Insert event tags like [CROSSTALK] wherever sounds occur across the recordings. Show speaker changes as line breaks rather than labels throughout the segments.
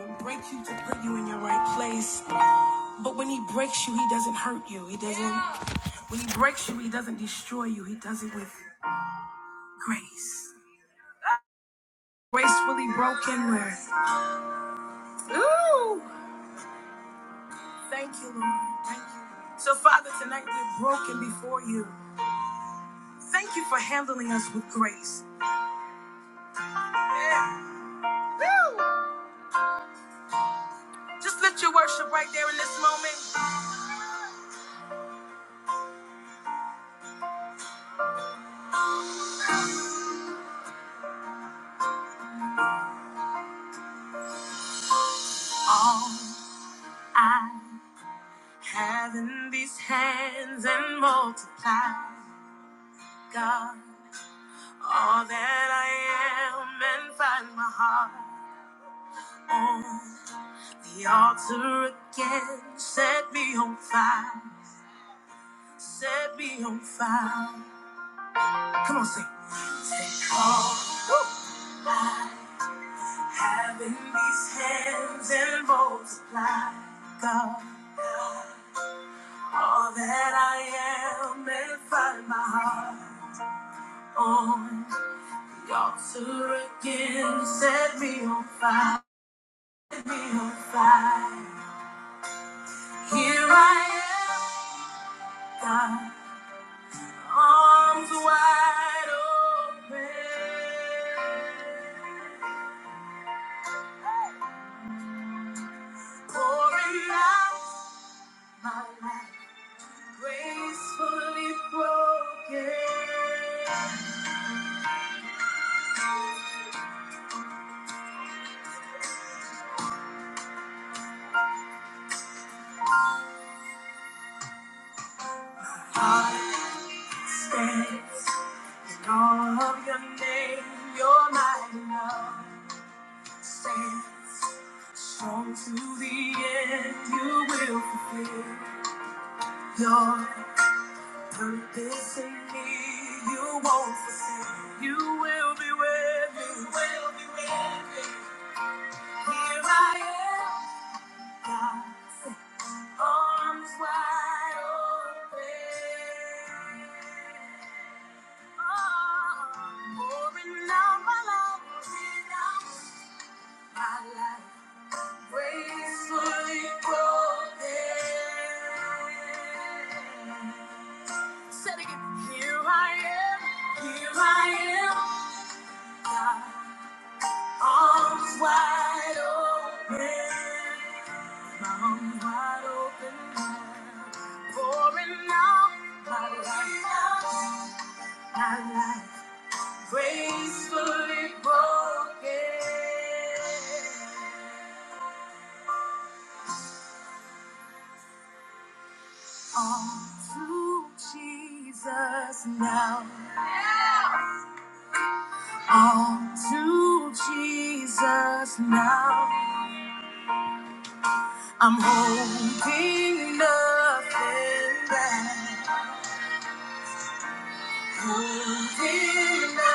and break you to put you in your right place. But when he breaks you, he doesn't hurt you. He doesn't. Yeah. When he breaks you, he doesn't destroy you. He does it with grace. Gracefully broken, where. Ooh! Thank you, Lord. Thank you. So, Father, tonight we're broken before you. Thank you for handling us with grace. Yeah. Woo! Just lift your worship right there in this moment. All I have in these hands and multiply, God. All that I am and find my heart on the altar again. Set me on fire. Set me on fire. Come on, sing. Take all I have in these hands and multiply, God. All that I am and find my heart on the altar again. Set me on fire. Set me on fire. Here I am, God, arms wide open, pouring out my life, gracefully broken. Heart stands in all of your name, your mighty love stands. Strong to the end, you will fulfill your This in me, you won't forsake. You will be with me. You will be with me. Here I am, God's arms wide open. Oh, pouring out my life, pouring out my life, gracefully broken. Said again, here I am, here I am. Arms wide open, my arms wide open, now. pouring out my life, my life, gracefully broken. All to Jesus now, all to Jesus now. I'm holding nothing back. Surrender.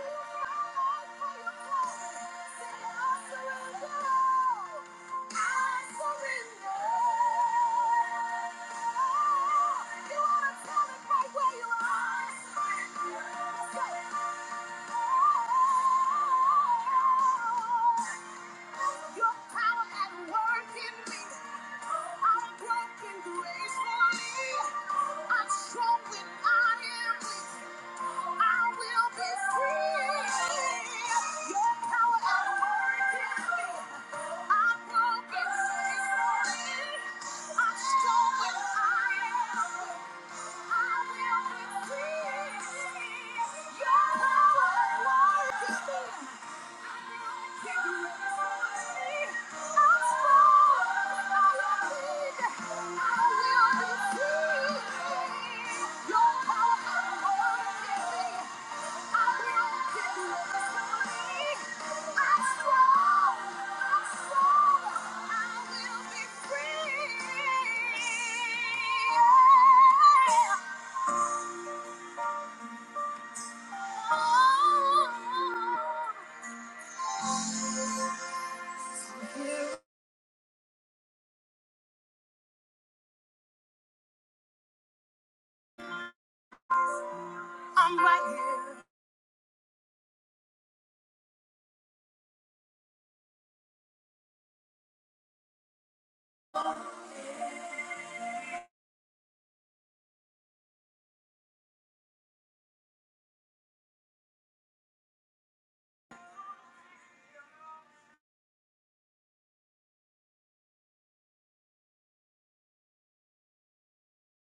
You wanna tell it Right where you are. Your power at work in me. I'm broken gracefully. I'm strong when I am weak. I will be free. Your power at work in me. I'm broken gracefully. I'm strong when I am weak. I will be free. Your power, Lord, is there. Yeah. I'm right here.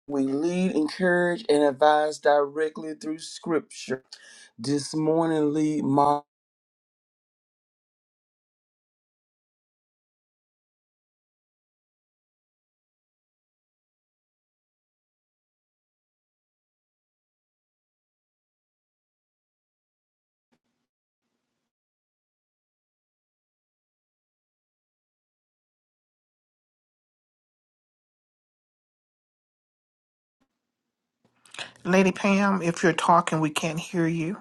We lead, encourage, and advise directly through Scripture. This morning, lead my
Lady Pam, if you're talking, we can't hear you.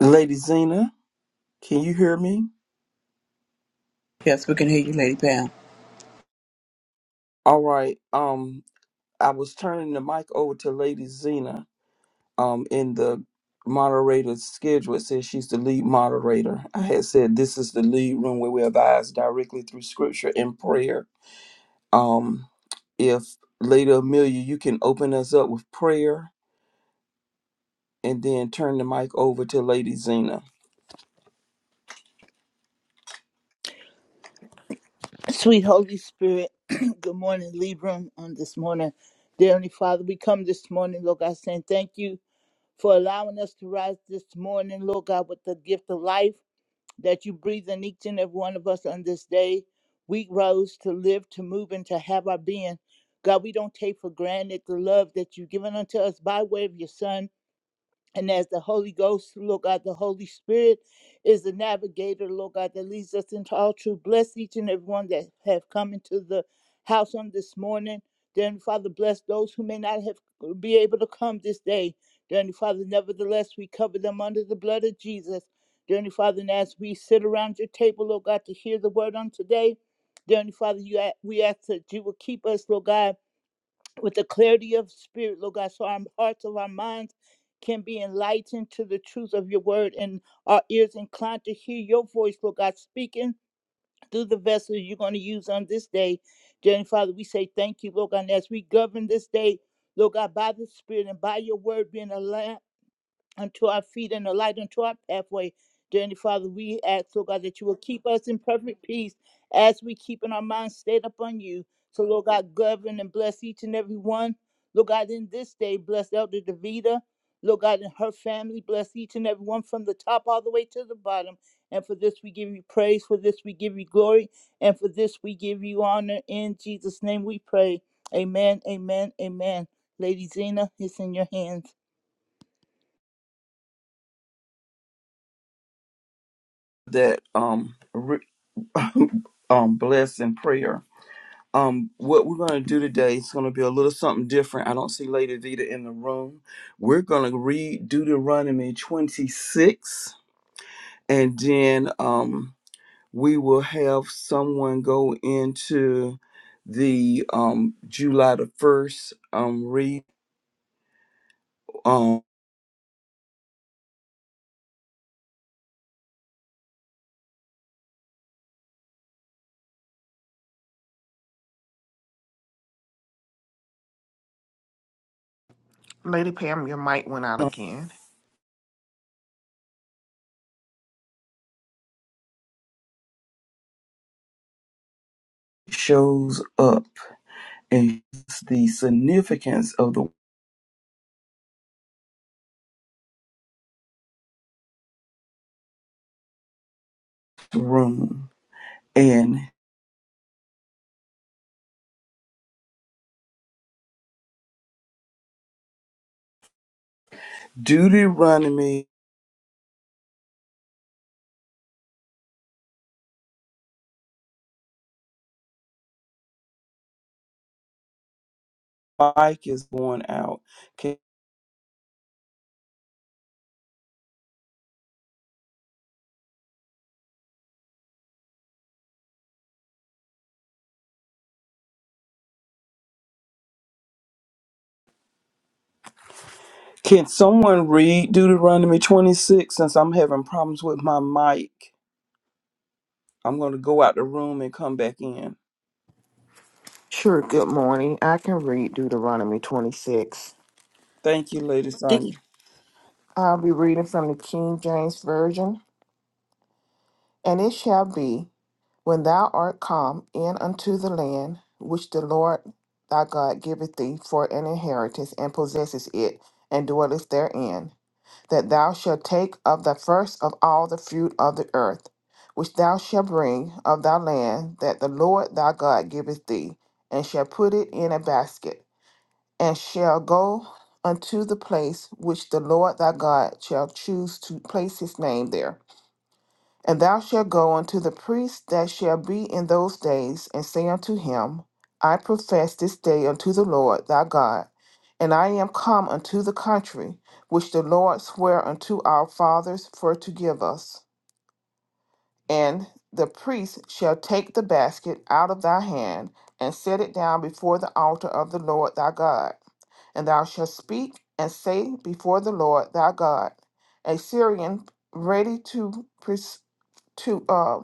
Lady Zena. Can you hear me?
Yes, we can hear you, Lady Pam.
All right. Um, I was turning the mic over to Lady Zena. Um, in the moderator's schedule, it says she's the lead moderator. I had said this is the lead room where we advise directly through Scripture and prayer. Um, if Lady Amelia, you can open us up with prayer and then turn the mic over to Lady Zena.
Sweet Holy Spirit, [CLEARS THROAT] good morning, Libram, on this morning. Dear Heavenly Father, we come this morning, Lord God, saying thank you for allowing us to rise this morning, Lord God, with the gift of life that you breathe in each and every one of us on this day. We rose to live, to move, and to have our being. God, we don't take for granted the love that you've given unto us by way of your Son. And as the Holy Ghost, Lord God, the Holy Spirit is the navigator, Lord God, that leads us into all truth. Bless each and everyone that have come into the house on this morning. Dear Heavenly Father, bless those who may not have uh, be able to come this day. Dear Heavenly Father, nevertheless, we cover them under the blood of Jesus. Dear Heavenly Father, and as we sit around your table, Lord God, to hear the word on today, Dear Heavenly Father, you a- we ask that you will keep us, Lord God with the clarity of spirit, Lord God, so our hearts of our minds can be enlightened to the truth of your word and our ears inclined to hear your voice, Lord God, speaking through the vessel you're going to use on this day. Dear Heavenly Father, we say thank you, Lord God, and as we govern this day, Lord God, by the Spirit and by your word being a lamp unto our feet and a light unto our pathway. Dear Heavenly Father, we ask, Lord God, that you will keep us in perfect peace as we keep in our minds stayed upon you. So, Lord God, govern and bless each and every one. Lord God, in this day, bless Elder Davida. Lord God, and her family, bless each and every one from the top all the way to the bottom. And for this we give you praise, for this we give you glory, and for this we give you honor. In Jesus' name we pray. Amen, amen, amen. Lady Zena, it's in your hands.
That um, re- [LAUGHS] um, bless and prayer. Um, what we're going to do today is going to be a little something different. I don't see Lady Vita in the room. We're going to read Deuteronomy 26, and then um, we will have someone go into the um, July the 1st um, read. um,
Lady Pam, your mic went out again.
shows up and the significance of the room. And Deuteronomy, Mike is going out. Can, can someone read Deuteronomy 26 since I'm having problems with my mic? I'm going to go out the room and come back in.
Sure, good morning. I can read Deuteronomy 26.
Thank you, Lady
Did,
Sonya.
I'll be reading from the King James Version. And it shall be, when thou art come in unto the land which the Lord thy God giveth thee for an inheritance, and possesses it, and dwellest therein. that thou shalt take of the first of all the fruit of the earth, which thou shalt bring of thy land that the Lord thy God giveth thee, and shall put it in a basket, and shall go unto the place which the Lord thy God shall choose to place his name there. And thou shalt go unto the priest that shall be in those days, and say unto him, I profess this day unto the Lord thy God, and I am come unto the country which the Lord sware unto our fathers for to give us. And the priest shall take the basket out of thy hand, and set it down before the altar of the Lord thy God. And thou shalt speak and say before the Lord thy God, A Syrian ready to, pres- to uh,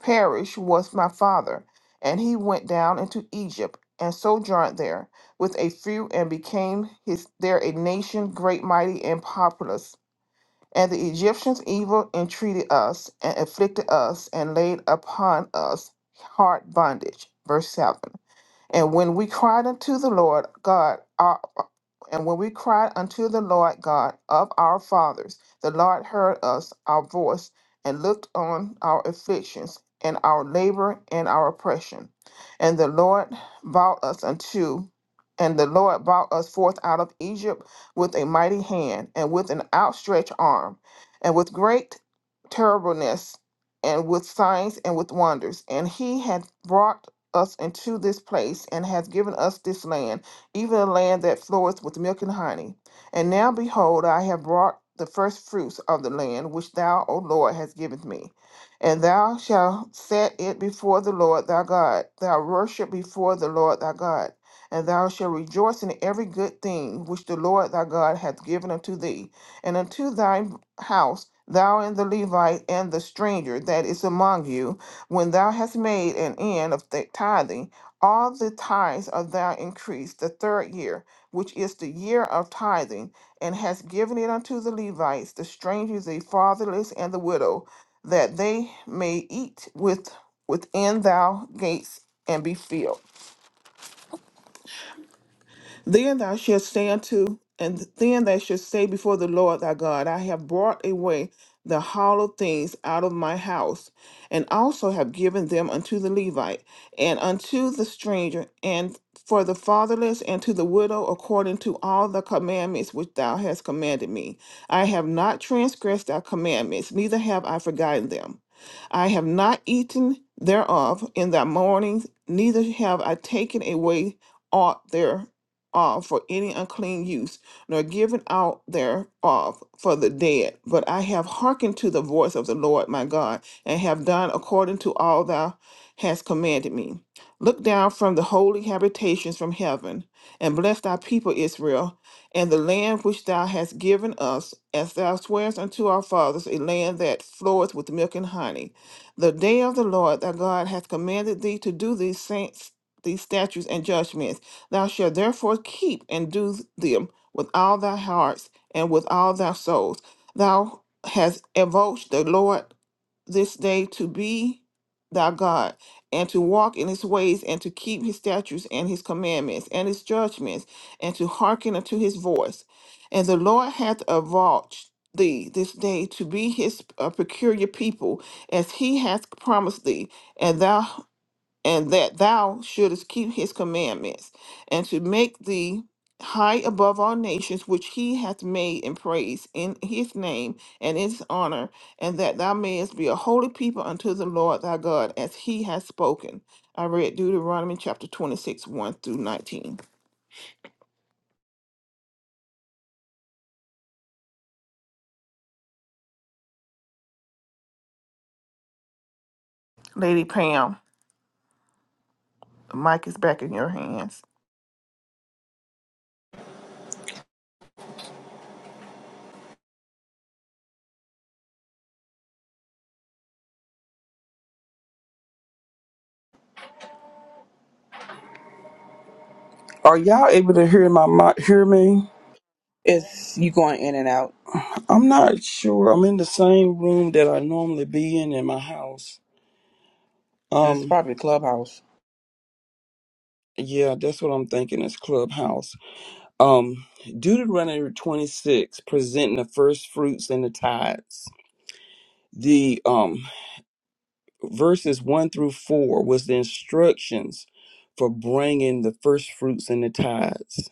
Parish was my father, and he went down into Egypt and sojourned there with a few and became his there a nation great, mighty, and populous. And the Egyptians evil entreated us and afflicted us and laid upon us hard bondage. Verse 7. And when we cried unto the Lord God, our, and when we cried unto the Lord God of our fathers, the Lord heard us, our voice, and looked on our afflictions and our labor and our oppression. And the Lord brought us unto, and the Lord brought us forth out of Egypt with a mighty hand and with an outstretched arm, and with great terribleness, and with signs and with wonders. And He had brought us into this place and has given us this land, even a land that floweth with milk and honey. And now behold, I have brought the first fruits of the land which thou, O Lord, hast given me. And thou shalt set it before the Lord thy God, thou worship before the Lord thy God, and thou shalt rejoice in every good thing which the Lord thy God hath given unto thee, and unto thy house, thou and the Levite and the stranger that is among you, when thou hast made an end of th- tithing, all the tithes of thy increase the third year, which is the year of tithing, and hast given it unto the Levites, the strangers, the fatherless, and the widow, that they may eat with within thou gates and be filled. Then thou shalt say unto, and then thou shalt say before the Lord thy God, I have brought away the hollow things out of my house, and also have given them unto the Levite, and unto the stranger, and for the fatherless, and to the widow, according to all the commandments which thou hast commanded me. I have not transgressed thy commandments, neither have I forgotten them. I have not eaten thereof in thy mornings, neither have I taken away aught there uh, for any unclean use, nor given out thereof for the dead. But I have hearkened to the voice of the Lord my God, and have done according to all thou hast commanded me. Look down from the holy habitations from heaven, and bless thy people Israel, and the land which thou hast given us, as thou swarest unto our fathers, a land that floweth with milk and honey. The day of the Lord thy God hath commanded thee to do these saints these statutes and judgments Thou shalt therefore keep and do them with all thy hearts and with all thy souls. Thou hast invoked the Lord this day to be thy God, and to walk in his ways, and to keep his statutes and his commandments and his judgments, and to hearken unto his voice. And the Lord hath avouched thee this day to be his uh, peculiar people, as he hath promised thee, and thou and that thou shouldest keep his commandments, and to make thee high above all nations which he hath made in praise in his name and in his honor, and that thou mayest be a holy people unto the Lord thy God, as he hath spoken. I read Deuteronomy chapter 26, 1 through 19. Lady Pam, the mic is back in your hands.
Are y'all able to hear my mic? Hear me?
It's you going in and out,
I'm not sure. I'm in the same room that I normally be in in my house.
and it's
Um,
probably Clubhouse.
yeah, that's what I'm thinking. It's Clubhouse. Um, Deuteronomy 26, presenting the first fruits and the tithes. The um, verses 1 through 4 was the instructions for bringing the first fruits and the tithes.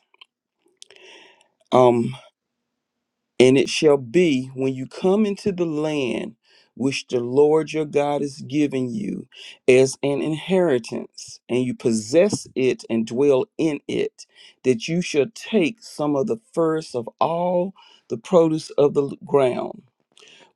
And it shall be when you come into the land which the Lord your God is giving you as an inheritance, and you possess it and dwell in it, that you shall take some of the first of all the produce of the l- ground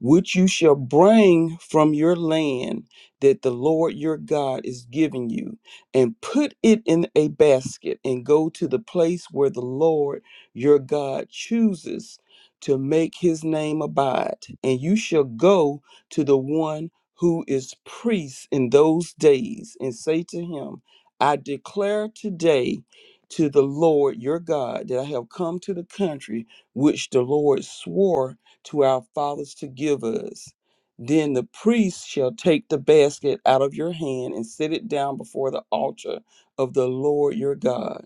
which you shall bring from your land that the Lord your God is giving you, and put it in a basket, and go to the place where the Lord your God chooses to make his name abide. And you shall go to the one who is priest in those days, and say to him, I declare today to the Lord your God that I have come to the country which the Lord swore to our fathers to give us. Then the priest shall take the basket out of your hand and set it down before the altar of the Lord your God.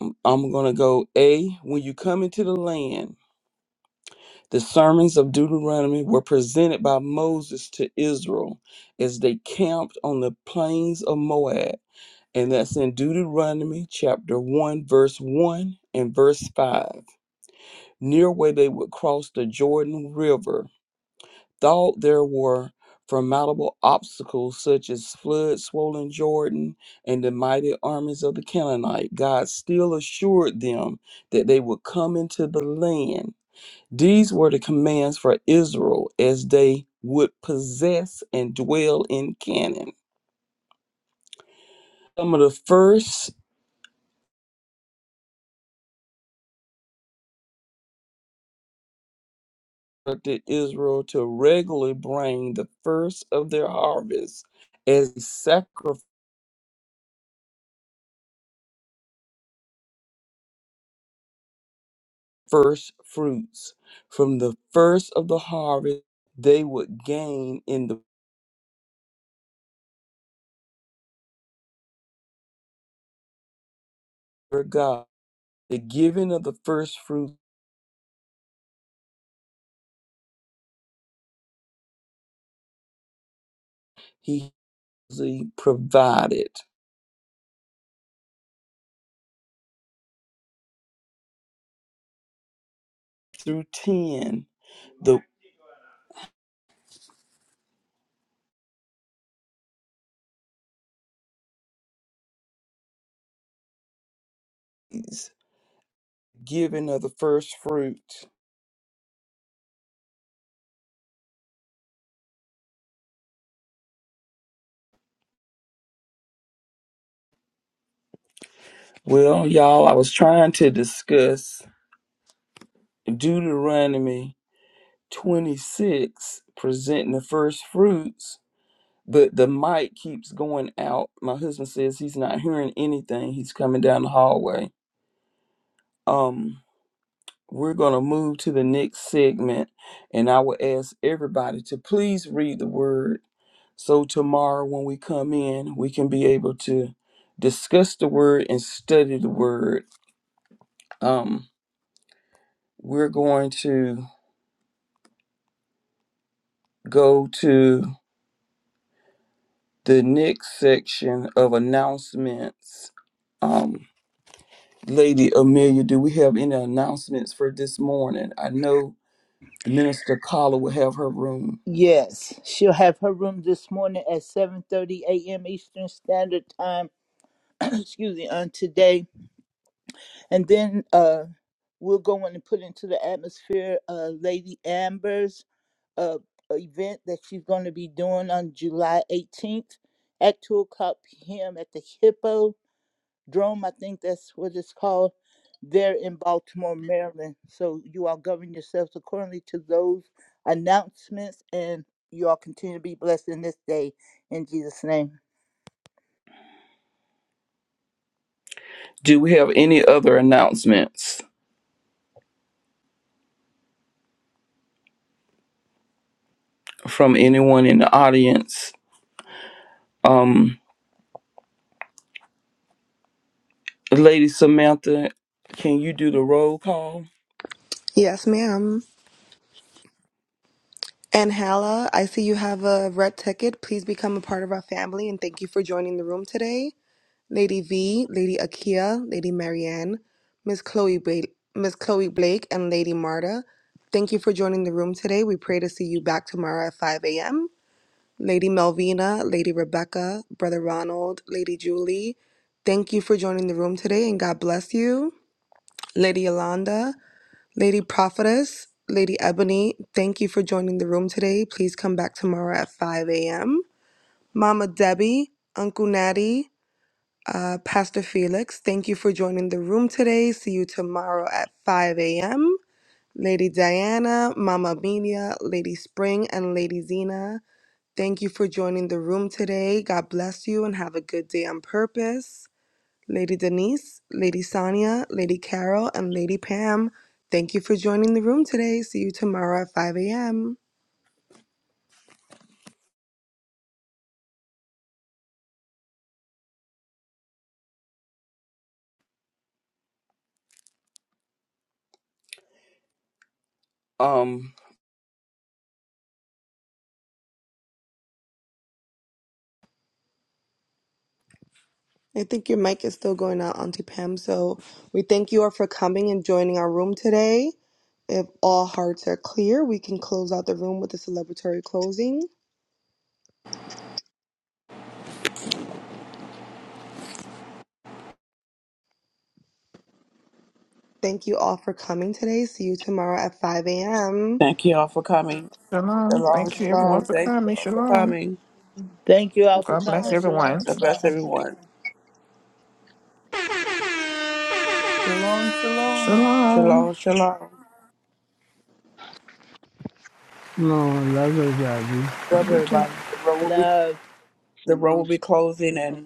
I'm, I'm going to go A. When you come into the land, the sermons of Deuteronomy were presented by Moses to Israel as they camped on the plains of Moab. And that's in Deuteronomy chapter 1, verse 1 and verse 5, near where they would cross the Jordan River Though there were formidable obstacles such as flood swollen Jordan and the mighty armies of the Canaanite, God still assured them that they would come into the land. These were the commands for Israel as they would possess and dwell in Canaan. Some of the first instructed Israel to regularly bring the first of their harvest as sacrifice first fruits from the first of the harvest they would gain in the Word of God. The giving of the first fruit he usually provided through 10 the ways giving of the first fruit. Well, y'all, I was trying to discuss Deuteronomy 26 presenting the first fruits, but the mic keeps going out. My husband says he's not hearing anything. He's coming down the hallway um we're going to move to the next segment and i will ask everybody to please read the word so tomorrow when we come in we can be able to discuss the word and study the word um we're going to go to the next section of announcements um lady amelia do we have any announcements for this morning i know minister Carla will have her room
Yes, she'll have her room this morning at 7:30 a.m. Eastern Standard Time. [CLEARS THROAT] excuse me, on today, and then uh, we'll go in and put into the atmosphere uh, Lady Amber's uh, event that she's going to be doing on July 18th at 2 o'clock p.m. at the Hippo. Drome, I think that's what it's called, there in Baltimore, Maryland. So you all govern yourselves accordingly to those announcements, and you all continue to be blessed in this day in Jesus' name.
Do we have any other announcements from anyone in the audience? Um, Lady Samantha, can you do the roll call?
Yes, ma'am. And Hala, I see you have a red ticket. Please become a part of our family and thank you for joining the room today. Lady V, Lady Akia, Lady Marianne, Miss Chloe ba- Miss Chloe Blake, and Lady Marta. Thank you for joining the room today. We pray to see you back tomorrow at 5 a.m. Lady Melvina, Lady Rebecca, Brother Ronald, Lady Julie, thank you for joining the room today and God bless you. Lady Yolanda, Lady Prophetess, Lady Ebony, thank you for joining the room today. Please come back tomorrow at 5 a.m. Mama Debbie, Uncle Natty, uh, Pastor Felix, thank you for joining the room today. See you tomorrow at 5 a.m. Lady Diana, Mama Amelia, Lady Spring, and Lady Zena, thank you for joining the room today. God bless you and have a good day on purpose. Lady Denise, Lady Sonia, Lady Carol, and Lady Pam, thank you for joining the room today. See you tomorrow at 5 a.m.
Um,
I think your mic is still going out, Auntie Pam. So we thank you all for coming and joining our room today. If all hearts are clear, we can close out the room with a celebratory closing. Thank you all for coming today. See you tomorrow at 5 a.m.
Thank you all for coming.
Shalom.
Shalom,
Thank you everyone
shalom.
for
Thank you
coming.
all for
Shalom.
coming.
Thank you all for
God bless
coming. Shalom,
everyone.
God bless
shalom.
everyone.
Shalom, shalom.
Shalom.
Shalom, shalom.
No, I love everybody.
Love
Love you too.
everybody. The room will be
Love.
the room will
Shalom,
be closing in